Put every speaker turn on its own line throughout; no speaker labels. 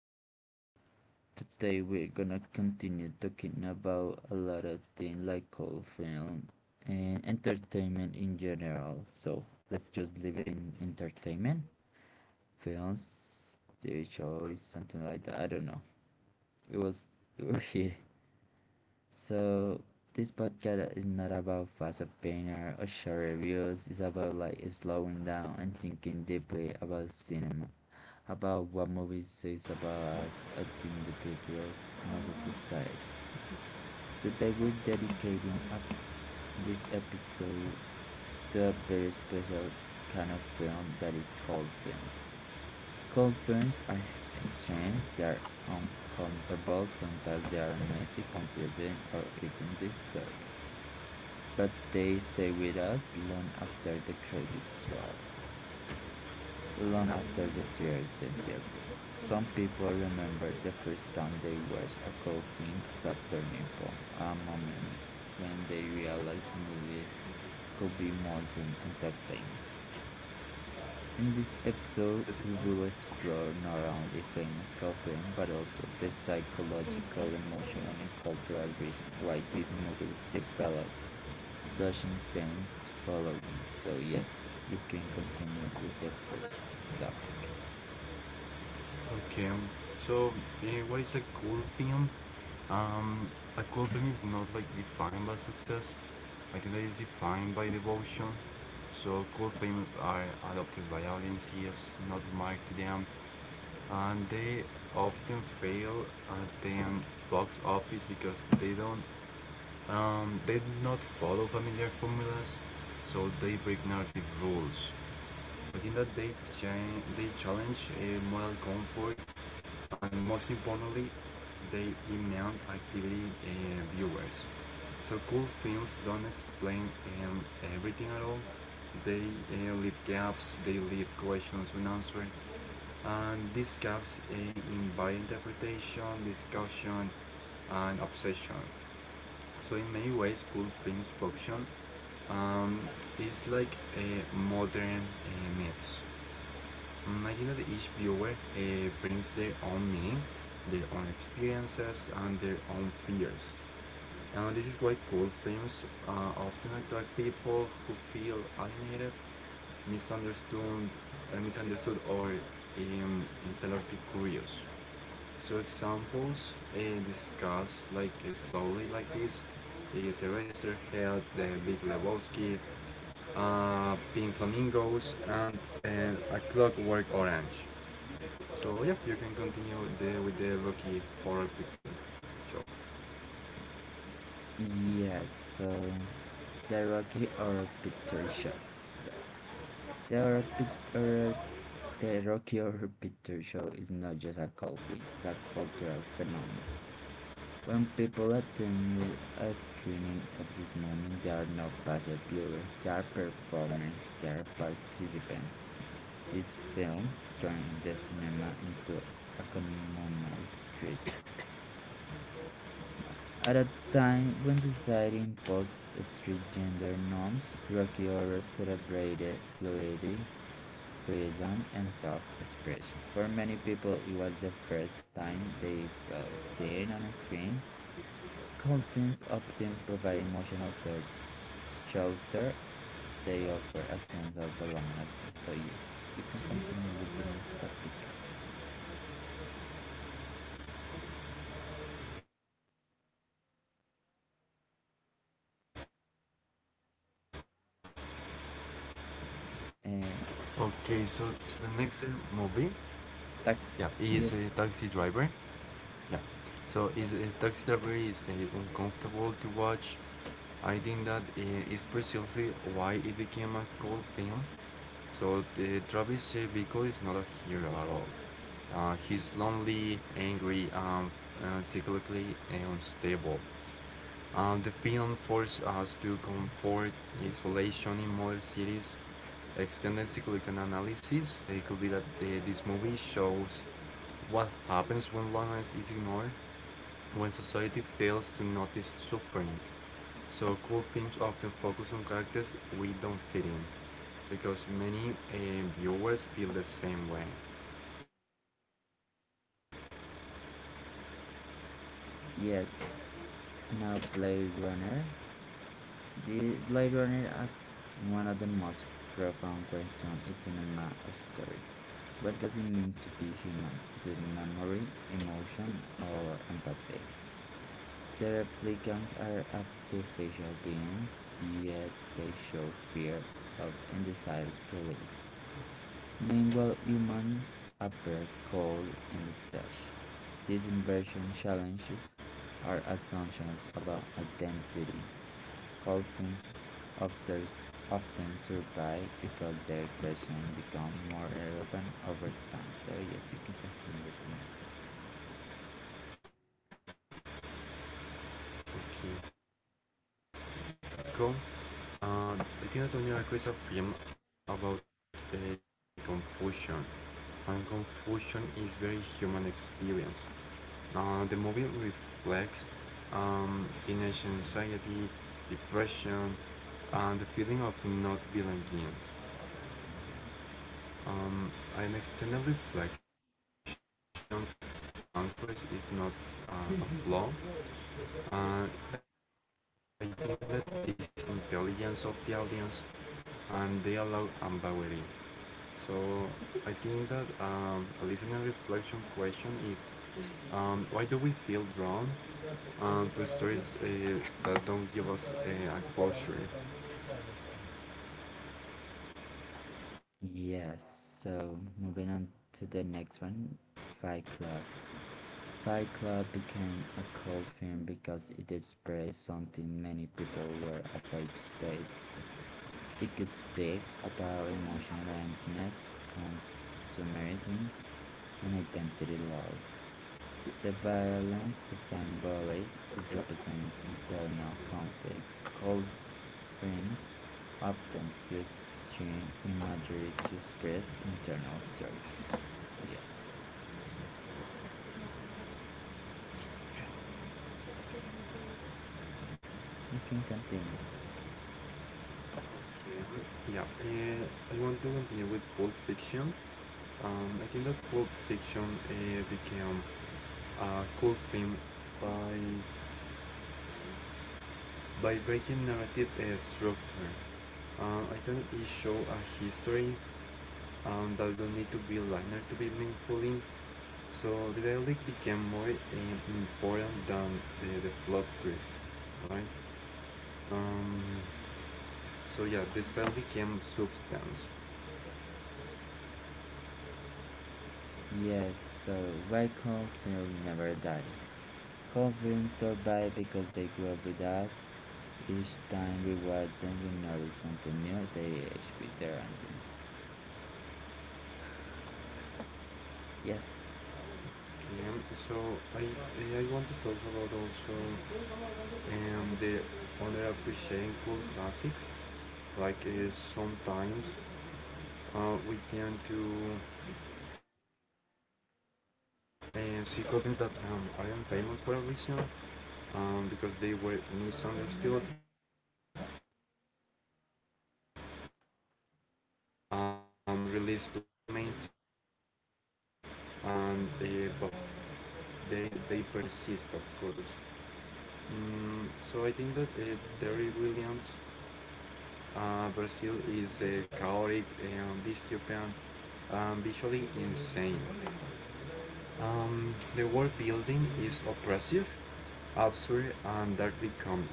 episode. Today, we're gonna continue talking about a lot of things like old film and entertainment in general. So let's just leave it in entertainment, films, TV shows, something like that. I don't know. It was, we was here. So this podcast is not about fast opinion or short reviews. It's about like slowing down and thinking deeply about cinema, about what movies says about us as individuals and as a society. Today we're dedicating this episode to a very special kind of film that is called films. Dolphins are strange, they are uncomfortable, sometimes they are messy, confusing, or even disturbing. But they stay with us long after the credits roll, long after the tears sentence well, some people remember the first time they watched a dolphin as a turning point, a moment when they realized movies could be more than entertainment. In this episode, we will explore not only famous cult film but also the psychological, emotional, and cultural reason why these movies develop such intense following. So yes, you can continue with the first topic.
Okay, um, so what is a cool film? Um, a cool film is not like defined by success. I think that is defined by devotion. So cool films are adopted by audiences, not marked to them, and they often fail at the box office because they don't, they do not follow familiar formulas, so they break narrative rules. I think that they challenge moral comfort, and most importantly, they demand activity viewers. So cool films don't explain um, everything at all. They leave gaps, they leave questions unanswered, and these gaps invite interpretation, discussion, and obsession. So in many ways, cool films function um, is like a modern myths. I think that each viewer brings their own meaning, their own experiences, and their own fears. And this is why cool films often attract people who feel alienated, misunderstood, misunderstood or intellectually curious. So examples discussed like slowly like this is Eraser Head, The Big Lebowski, Pink Flamingos, and A Clockwork Orange. So yeah, you can continue with the Rocky Horror Picture Show.
Yes, so the Rocky Horror Picture Show. So the Horror Pic- Horror the Rocky Horror Picture Show is not just a cult film, it's a cultural phenomenon. When people attend a screening of this moment, they are not passive viewers, they are performers, they are participants. This film turned the cinema into a communal ritual. At a time when society imposed strict gender norms, Rocky Horror celebrated fluidity, freedom, and self expression. For many people, it was the first time they felt seen on a screen. Dolphins often provide emotional shelter. They offer a sense of belonging as well. So yes, you can continue with the next topic. Uh,
Okay, so the next movie, yeah,
tax.
is a
Yes,
taxi driver. Yeah, so is a taxi driver is uncomfortable to watch. I think that is precisely why it became a cult film. So the Travis Bickle is not a hero at all. He's lonely, angry, psychologically unstable. The film forced us to comfort isolation in modern cities. Extended cyclical analysis. It could be that this movie shows what happens when loneliness is ignored, when society fails to notice suffering. So cool films often focus on characters we don't fit in because many viewers feel the same way.
yes. Now Blade Runner. The Blade Runner asks one of the most profound questions in cinema or story. What does it mean to be human? Is it memory, emotion, or empathy? The replicants are artificial beings, yet they show fear of and desire to live. Meanwhile, humans appear cold and detached. This inversion challenges our assumptions about identity. Conflicts of theirs often survive because their questions become more relevant over time. So yes, you can continue with the next.
Okay. So Donnie Darko. I think that Donnie Darko is a film about confusion, and confusion is very human experience. The movie reflects teenage anxiety, depression, and the feeling of not belonging. Um, an extended reflection is the lack of clear answers is not a flaw. Uh, I think that this is the point. The cool films trust the intelligence of the audience and they allow ambiguity. So I think that a listener reflection question is why do we feel drawn to stories that don't give us a closure?
Yes, so moving on to the next one, Fight Club. Fight Club became a cult film because it expressed something many people were afraid to say. It speaks about emotional emptiness, consumerism, and identity loss. The violence is symbolic, it represents internal conflict. Cold friends often use extreme imagery to express internal struggles. Yes, you can continue.
Yeah, I want to continue with Pulp Fiction. I think that Pulp Fiction became a cool film by by breaking narrative structure. I think it show a history that don't need to be linear to be meaningful. So the dialogue became more important than the plot twist, right? Um, so yeah, the style became substance.
Yes, so why cold films never die? Cold films survive because they grow up with us. Each time we watch them, we notice something new. They age with their endings. Yes,
Okay, so I I want to talk about also the underappreciated classics. Like uh, Sometimes we tend to. And she confirms that um, I am famous for a reason because they were misunderstood, released too early, and, or like simply too weird for the mainstream cool things. And but they persist, of course. So I think that Terry Williams, Brazil is chaotic and dystopian, visually insane. The world building is oppressive, absurd, and darkly comic.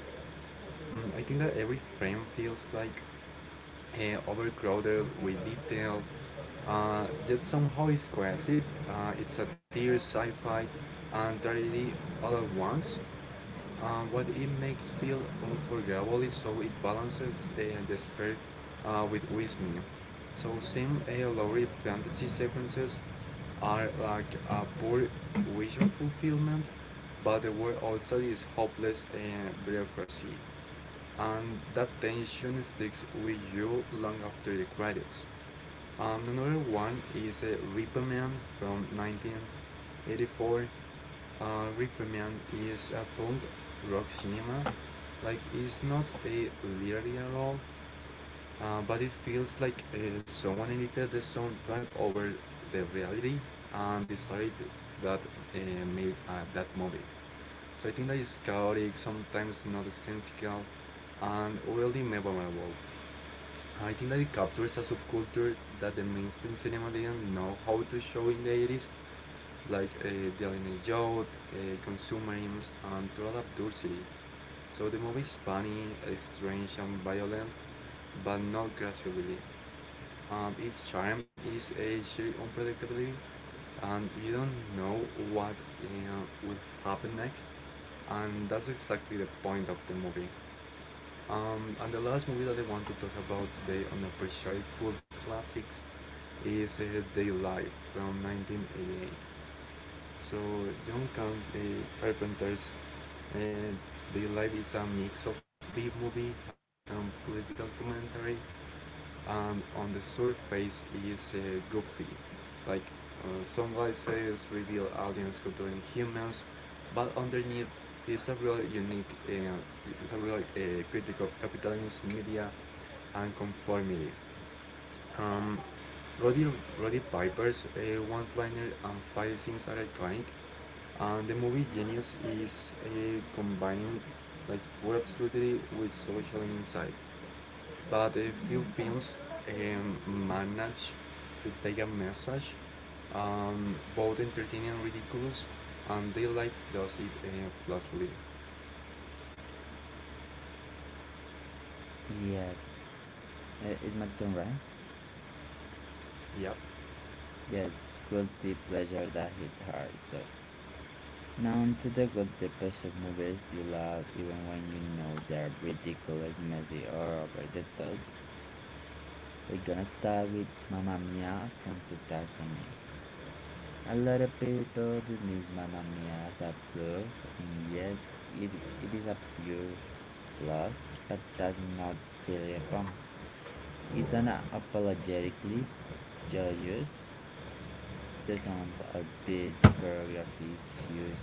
I think that every frame feels like overcrowded with detail, yet somehow it's cohesive. It's satire, sci fi, and tragedy all at once. What it makes feel unforgettable is how it balances despair with wisdom. So some lowly fantasy sequences are like a poor vision fulfillment, but the world also is hopeless and bureaucracy, and that tension sticks with you long after the credits. Another one is Reaper Man from 1984, Requiem is a punk rock cinema. Like it's not a literary at all, but it feels like someone edited the soundtrack over the reality and decided that made that movie. So I think that is chaotic, sometimes not sensical, and really memorable. I think that it captures a subculture that the mainstream cinema didn't know how to show in the 80s, like uh, dealing a youth, consumerism, and total absurdity. So the movie is funny, strange, and violent, but not gracefully. Its charm is a sheer unpredictability, and you don't know what will happen next, and that's exactly the point of the movie. And the last movie that I want to talk about, the unappreciated cult classics, is Day from 1988. So John Camp Carpenter's and The Life is a mix of B-movie aesthetics and political commentary, and on the surface is goofy. Like some licenses reveal aliens controlling humans, but underneath is a real critic of capitalism, media, and conformity. Um, Roddy, Roddy Piper's one-liner and fight scenes are iconic, and the movie Genius is combining like pure absurdity with social insight. But a few films um, manage to take a message, both entertaining and ridiculous, and their life does it flawlessly.
yes. It's my turn, right?
Yep.
Yes, guilty pleasure that hit hard. So now onto the guilty pleasure movies you love even when you know they're ridiculous, messy, or over the top. We're gonna start with Mamma Mia from 2008. A lot of people dismiss Mamma Mia as a fluff, and yes, it is a pure loss, but that's not really a bomb. It's an apologetically joyous. The sounds are big, the choreography is huge,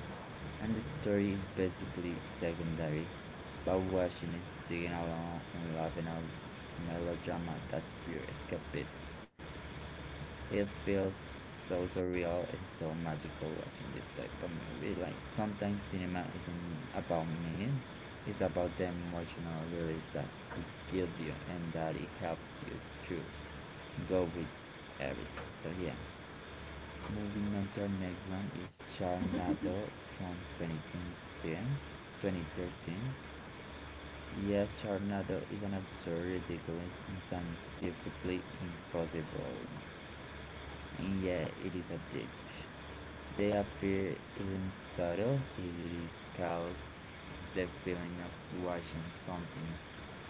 and the story is basically secondary, but watching it, singing along, and laughing at the melodrama, that's pure escapism. It feels so surreal and so magical watching this type of movie. Like sometimes cinema isn't about meaning, it's about the emotional release that it gives you and that it helps you to go with everything. So yeah. Moving on to our next one is Sharknado from 2010, 2013. Yes, Sharknado is an absurd, ridiculous, and scientifically impossible. And yeah, it is a date. They appear isn't subtle, it is chaos. It's the feeling of watching something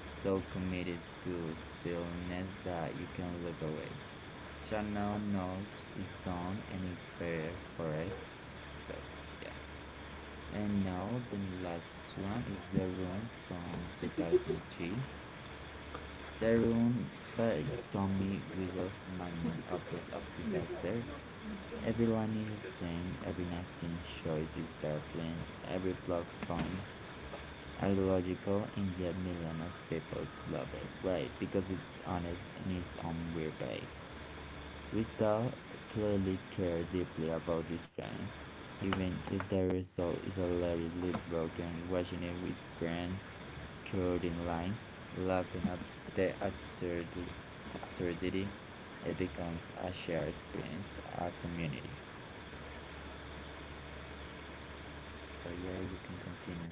so committed to silliness that you can look away. Sharknado knows it's done and is prepared for it, so yeah. And now the last one is The Room from 2003. The Room by Tommy Wiseau, magnum opus of disaster. Every line is a strain, every acting choice is baffling, every plot point illogical, and yet millions of people love it. Why? Because it's honest in its own weird way. We saw clearly care deeply about this plan, even if the result is hilariously broken, watching it with friends, covered in lines, laughing at the absurdity, it becomes a shared experience, a community. So yeah, you can continue.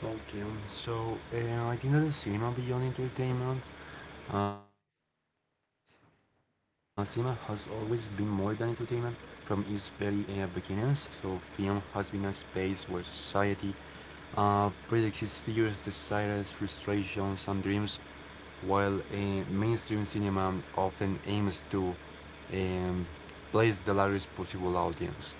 I think that the cinema beyond entertainment, cinema has always been more than entertainment. Film is very beginners, so film has been a space where society projects its fears, desires, frustrations, and dreams, while mainstream cinema often aims to um, place the largest possible audience.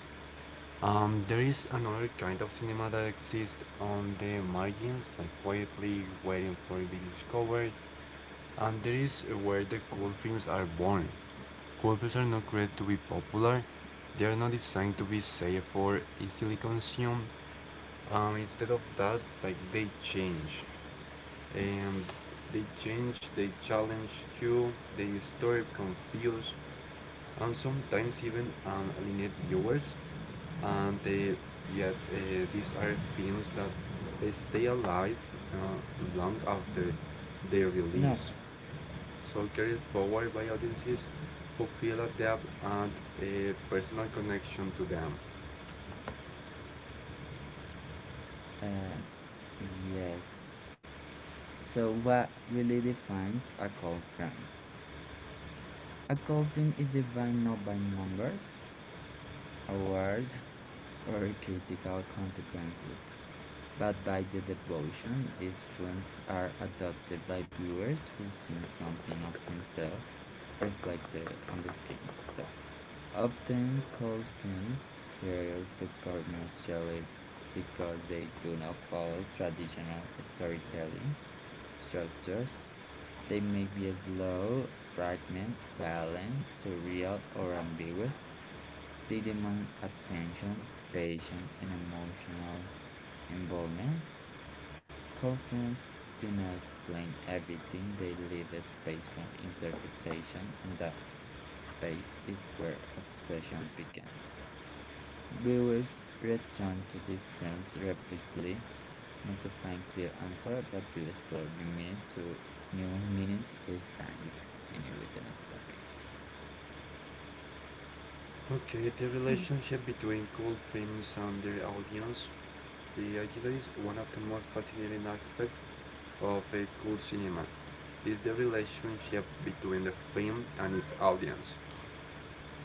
There is another kind of cinema that exists on the margins, like quietly waiting for it to be discovered, and there is where the cool films are born. Golfers are not created to be popular. They are not designed to be safe or easily consumed. Instead of that, like they change. Um, they challenge you, they disturb, confuse, and sometimes even alienate viewers. And they, yet These are films that stay alive long after their
No.
release, so carried forward by audiences who feel a depth and a personal connection to them.
Uh, yes. So what really defines a cult film? A cult film is defined not by numbers, awards, or critical consequences. But by the devotion, these films are adopted by viewers who've seen something of themselves reflected on the screen. So often cult films fail to commercially because they do not follow traditional storytelling structures. They may be slow, fragment, violent, surreal, or ambiguous. They demand attention, patience, and emotional involvement. Cult films do not explain everything, they leave a space for interpretation, and that space is where obsession begins. Viewers return to these films repeatedly, not to find clear answers, but to explore new meanings each time. You can continue with the next topic.
Okay, the relationship between cult films and their audience the actually is one of the most fascinating aspects of a cult cinema is the relationship between the film and its audience.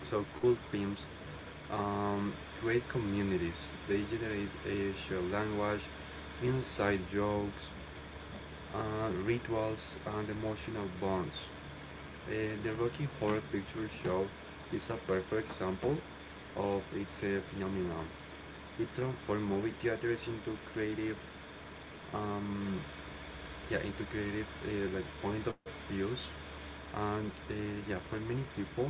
So cult films um, create communities. They generate a shared language, inside jokes, rituals, and emotional bonds. The Rocky Horror Picture Show is a perfect example of its phenomenon. It transformed movie theaters into um, creative like point of views, and for many people,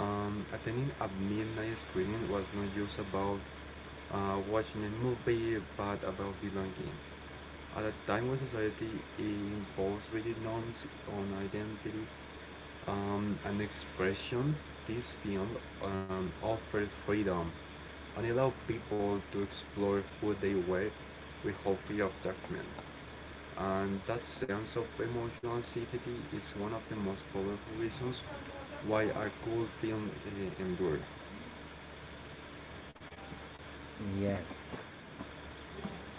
attending a midnight screening was not just about watching a movie, but about belonging. At a time when society imposed rigid norms on identity an expression, this film offered freedom and allowed people to explore who they were without fear of judgment. And that sense of emotional safety is one of the most powerful reasons why a cool film endure.
Yes.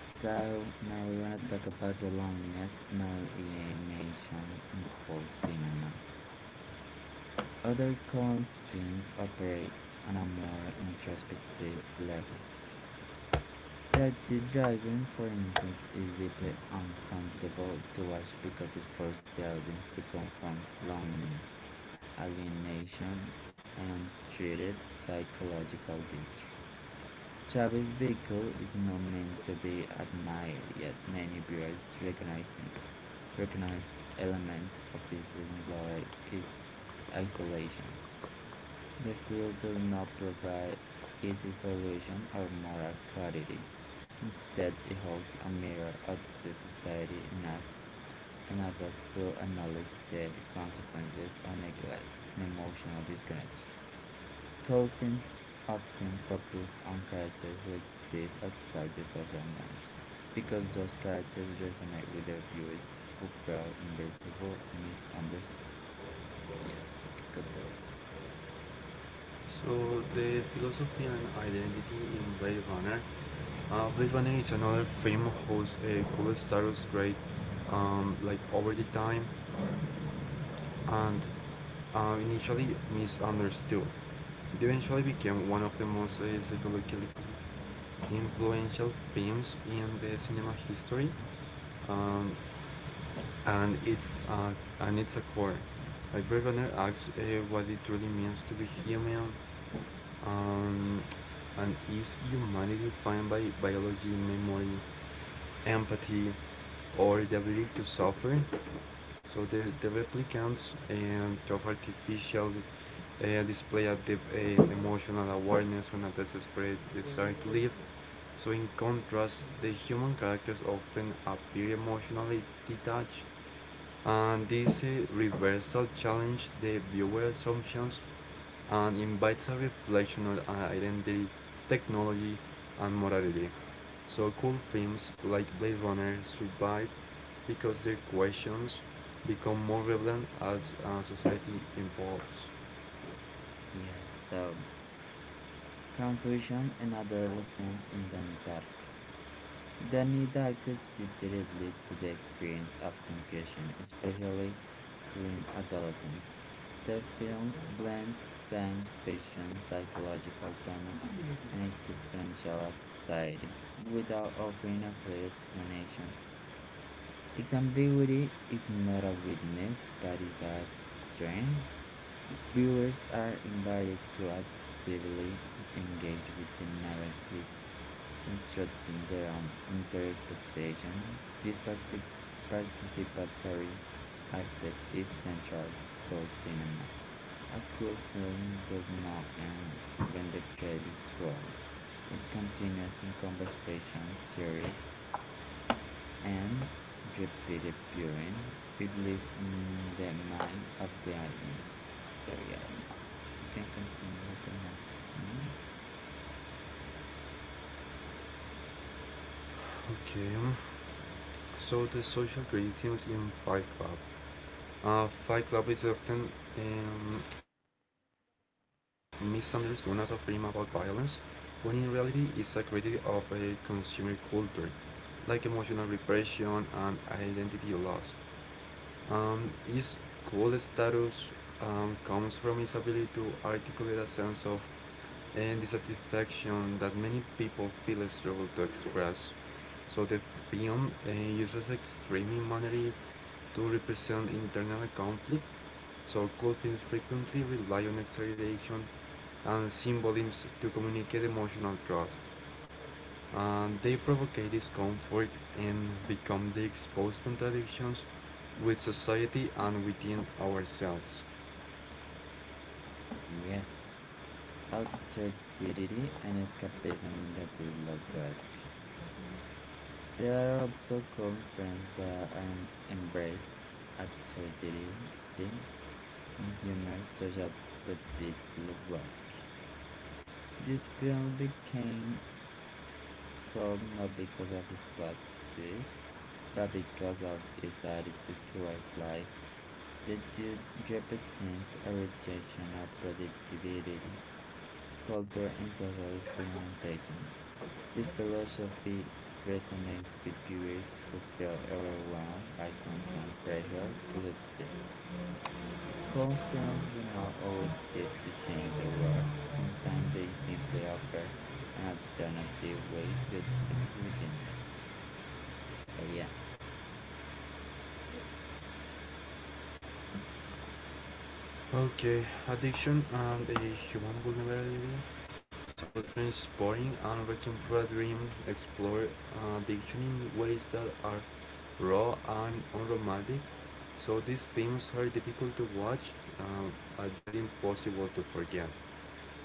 So now we're gonna talk about the loneliness and alienation in cult cinema. Other cult films operate on a more introspective level. Taxi driving, for instance, is deeply uncomfortable to watch because it forces the audience to confront loneliness, alienation, and untreated psychological distress. Travis' vehicle is not meant to be admired, yet many viewers recognize elements of his isolation. The field does not provide easy solutions or moral clarity. Instead, it holds a mirror up to society and us, and asks us to acknowledge the consequences of neglect and emotional disconnect. Cold often focus on characters who exist outside the social norms, because those characters resonate with the viewers who feel invisible or misunderstood. Yes, you can continue.
So the philosophy and identity in Blade Runner. Blade Runner is another film whose cool status great like over the time and initially misunderstood. It eventually became one of the most psychologically influential films in the cinema history, um, and it's uh, and it's a core. Like Blade Runner asks what it truly means to be human, um, and is humanity defined by biology, memory, empathy, or the ability to suffer? So the replicants of artificial display a deep emotional awareness and a desperate desire to live. So, in contrast, the human characters often appear emotionally detached, and this reversal challenges the viewer assumptions and invites a reflection on identity, technology, and morality. So, cool films like Blade Runner survive because their questions become more relevant as society evolves.
Yes, so confusion and adolescence in Donnie Darko. Donnie Darko speaks directly to the experience of confusion, especially during adolescence. The film blends science fiction, psychological drama, and existential anxiety without offering a clear explanation. Its ambiguity is not a weakness but is a strength. Viewers are invited to actively engage with the narrative constructing their own interpretation. This participatory aspect is central to cool cinema. A cool film does not end when the credits roll. It continues in conversation, theories, and repeated viewing. It lives in the mind of the audience. So yes, you can continue with the next one.
Okay. So the social criticism in Fight Club. Fight Club is often misunderstood as a film about violence, when in reality it's a critique of a consumer culture, like emotional repression and identity loss. Its cool status comes from its ability to articulate a sense of and dissatisfaction that many people feel struggle to express. So the film uses extreme humanity to represent internal conflict, so cold films frequently rely on exaggeration and symbolisms to communicate emotional trust. And they provocate discomfort and become the exposed contradictions with society and within ourselves.
Yes. Absurdity and escapism in the below Basque. There are also conferences that embrace absurdity and humor such as the below Basque. This film became called not because of its plot twist, but because of its attitude towards life. The dude represents a rejection of productivity, culture, and social experimentation. His philosophy resonates with viewers who feel overwhelmed by constant pressure to succeed. Cult films do not always seek to change the world. Sometimes they simply offer an alternative way to exist within it. So yeah.
Okay, addiction and a human vulnerability. So, transporting and reaching for a dream, explore addiction in ways that are raw and unromantic, so these films are difficult to watch um, and yet impossible to forget.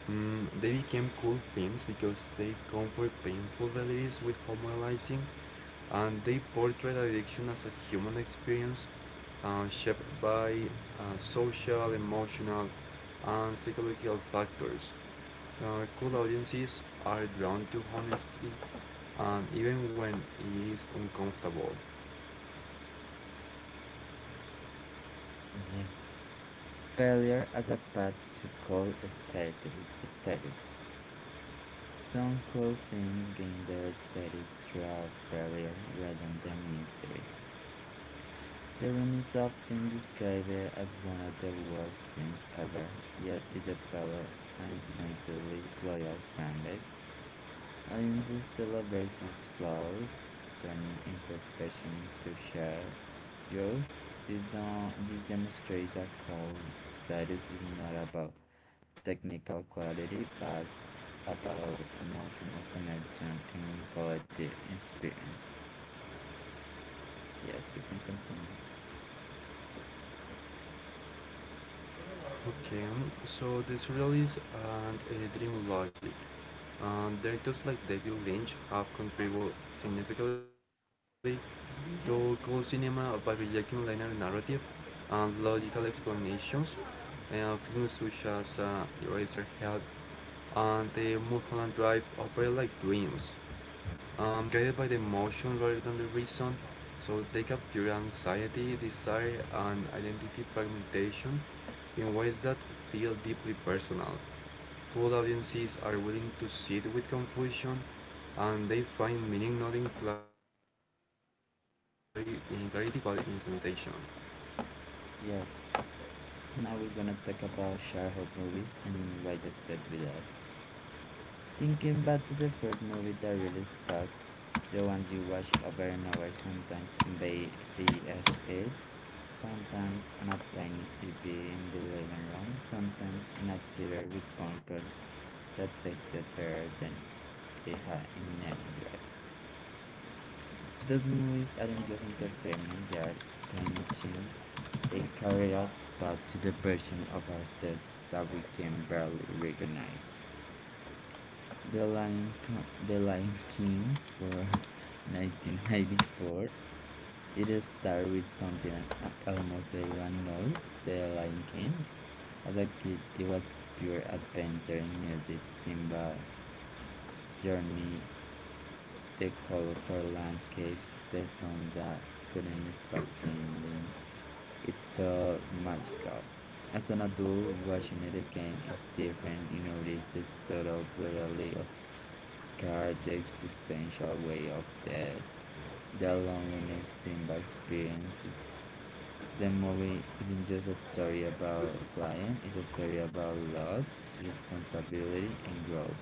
They became cool films because they comfort painful realities with humanizing, and they portray addiction as a human experience shaped by social, emotional, and psychological factors. Cool audiences are drawn to honesty even when it is uncomfortable.
Yes. Failure as a path to cult status. Some cult films gain their status through failure rather than mystery. The Room is often described as one of the worst films ever, yet it developed an instantly loyal fanbase. Audiences celebrate its flaws, turning imperfection into shared joy. This, this demonstrates that cult status is not about technical quality, but about emotional connection and collective experience. Yes, you can continue.
Okay, so this surrealists and dream logic. Directors like David Lynch have contributed significantly to cold cinema by rejecting linear narrative and logical explanations. Films such as Eraserhead and the Mulholland Drive operate like dreams, guided by the emotion rather than the reason. So they capture anxiety, desire, and identity fragmentation in ways that feel deeply personal. Cool audiences are willing to sit with confusion and they find meaning not clari- in clarity but in sensation.
Yes, now we're gonna talk about childhood movies and why they stayed with us. Thinking back to the first movie that really stuck, the ones you watch over and over, sometimes on VHS, sometimes on a tiny TV in the living room, sometimes in a theater with popcorns that tasted better than it had in any right. Those movies aren't just entertainment, they are time machines, they carry us back to the version of ourselves that we can barely recognize. The Lion King for 1994. It started with something almost everyone knows, The Lion King. As a kid, it was pure adventure in music, Simba's journey, the colorful landscapes, the song that couldn't stop singing. It felt magical. As an adult, watching it again is different. You notice the subtle brutality of scar, the existential way of death, the loneliness Simba experiences. The movie isn't just a story about lion, it's a story about loss, responsibility, and growth,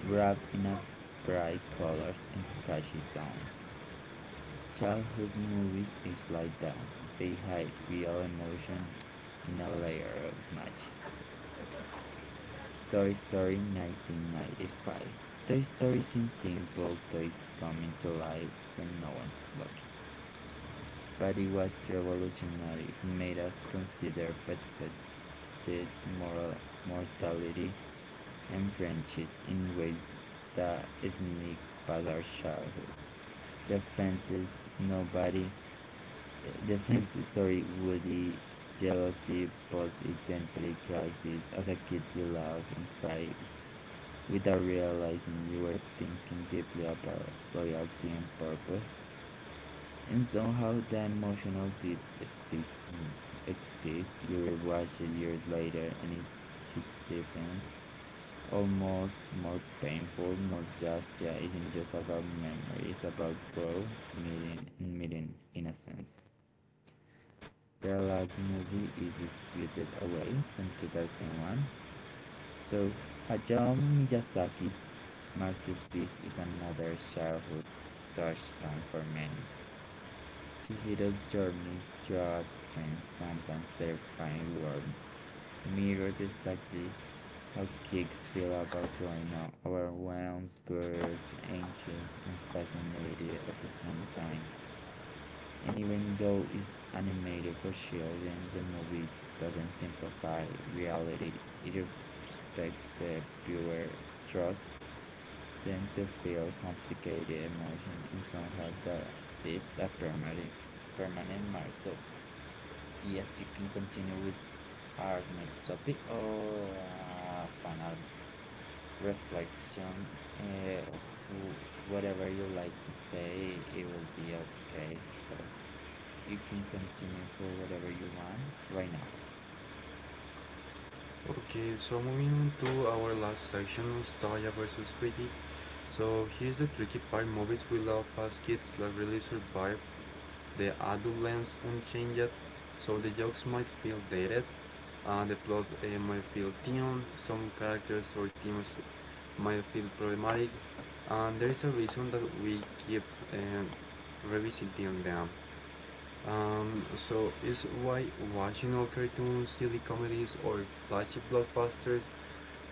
wrapped in a bright colors and catchy tones. Childhood movies age like that. They hide real emotion in a layer of magic. Toy Story 1995. Toy Story seems simple, toys coming to life when no one's looking. But it was revolutionary. It made us consider perspective, moral mortality, and friendship in ways that sneak past our childhood. The fences, nobody defenses, sorry, Woody, jealousy, post-identity crisis. As a kid, you laugh and cry without realizing you were thinking deeply about loyalty and purpose. And somehow the emotional ditch exists, you rewatch it years later and it hits difference. Almost more painful, nostalgia isn't just about memory, it's about growth, meeting innocence. The last movie is Spirited Away from 2001. So Hayao Miyazaki's masterpiece is another childhood touchstone for many. Chihiro's journey through a strange, sometimes terrifying world mirrors exactly how kids feel about growing up, overwhelmed, scared, anxious, and fascinated at the same time. And even though it's animated for children, the movie doesn't simplify reality. It respects the viewer trust them to feel complicated emotion and somehow the it's a permanent mark. So yes, you can continue with our next topic or final reflection. Uh, whatever you like to say, it will be okay. So. You can continue for whatever you want right now.
Okay, so moving on to our last section, nostalgia versus critique. So here's the tricky part movies we love as kids that really survive the adult lens unchanged, so the jokes might feel dated, the plot might feel thin, some characters or themes might feel problematic, and there is a reason that we keep uh, revisiting them. So it's why watching old cartoons, silly comedies, or flashy blockbusters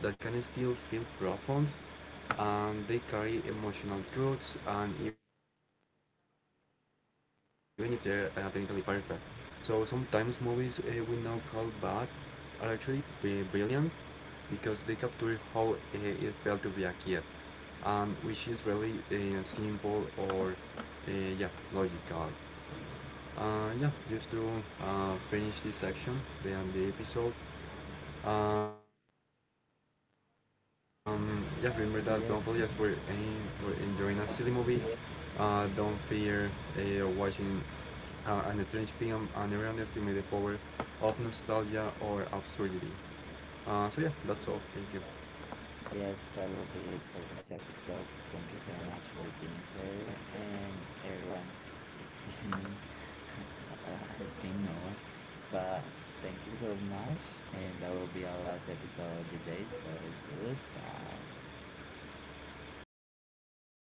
that can still feel profound, and they carry emotional truths, and even if they're technically perfect. So sometimes movies we now call bad are actually brilliant because they capture how it felt to be a kid, and which is really simple or uh, yeah logical. Yeah, just to finish this section, the end the episode. Yeah, Remember that don't apologize for any for enjoying a silly
Yes,
movie. Don't fear watching an strange film, an underestimated power of nostalgia or absurdity. So yeah, that's all. Thank you.
yes, that will be it for this episode. Thank you so much for being here and everyone who's listening. I think no one, but thank you so much. And that will be our last episode of the day. So goodbye.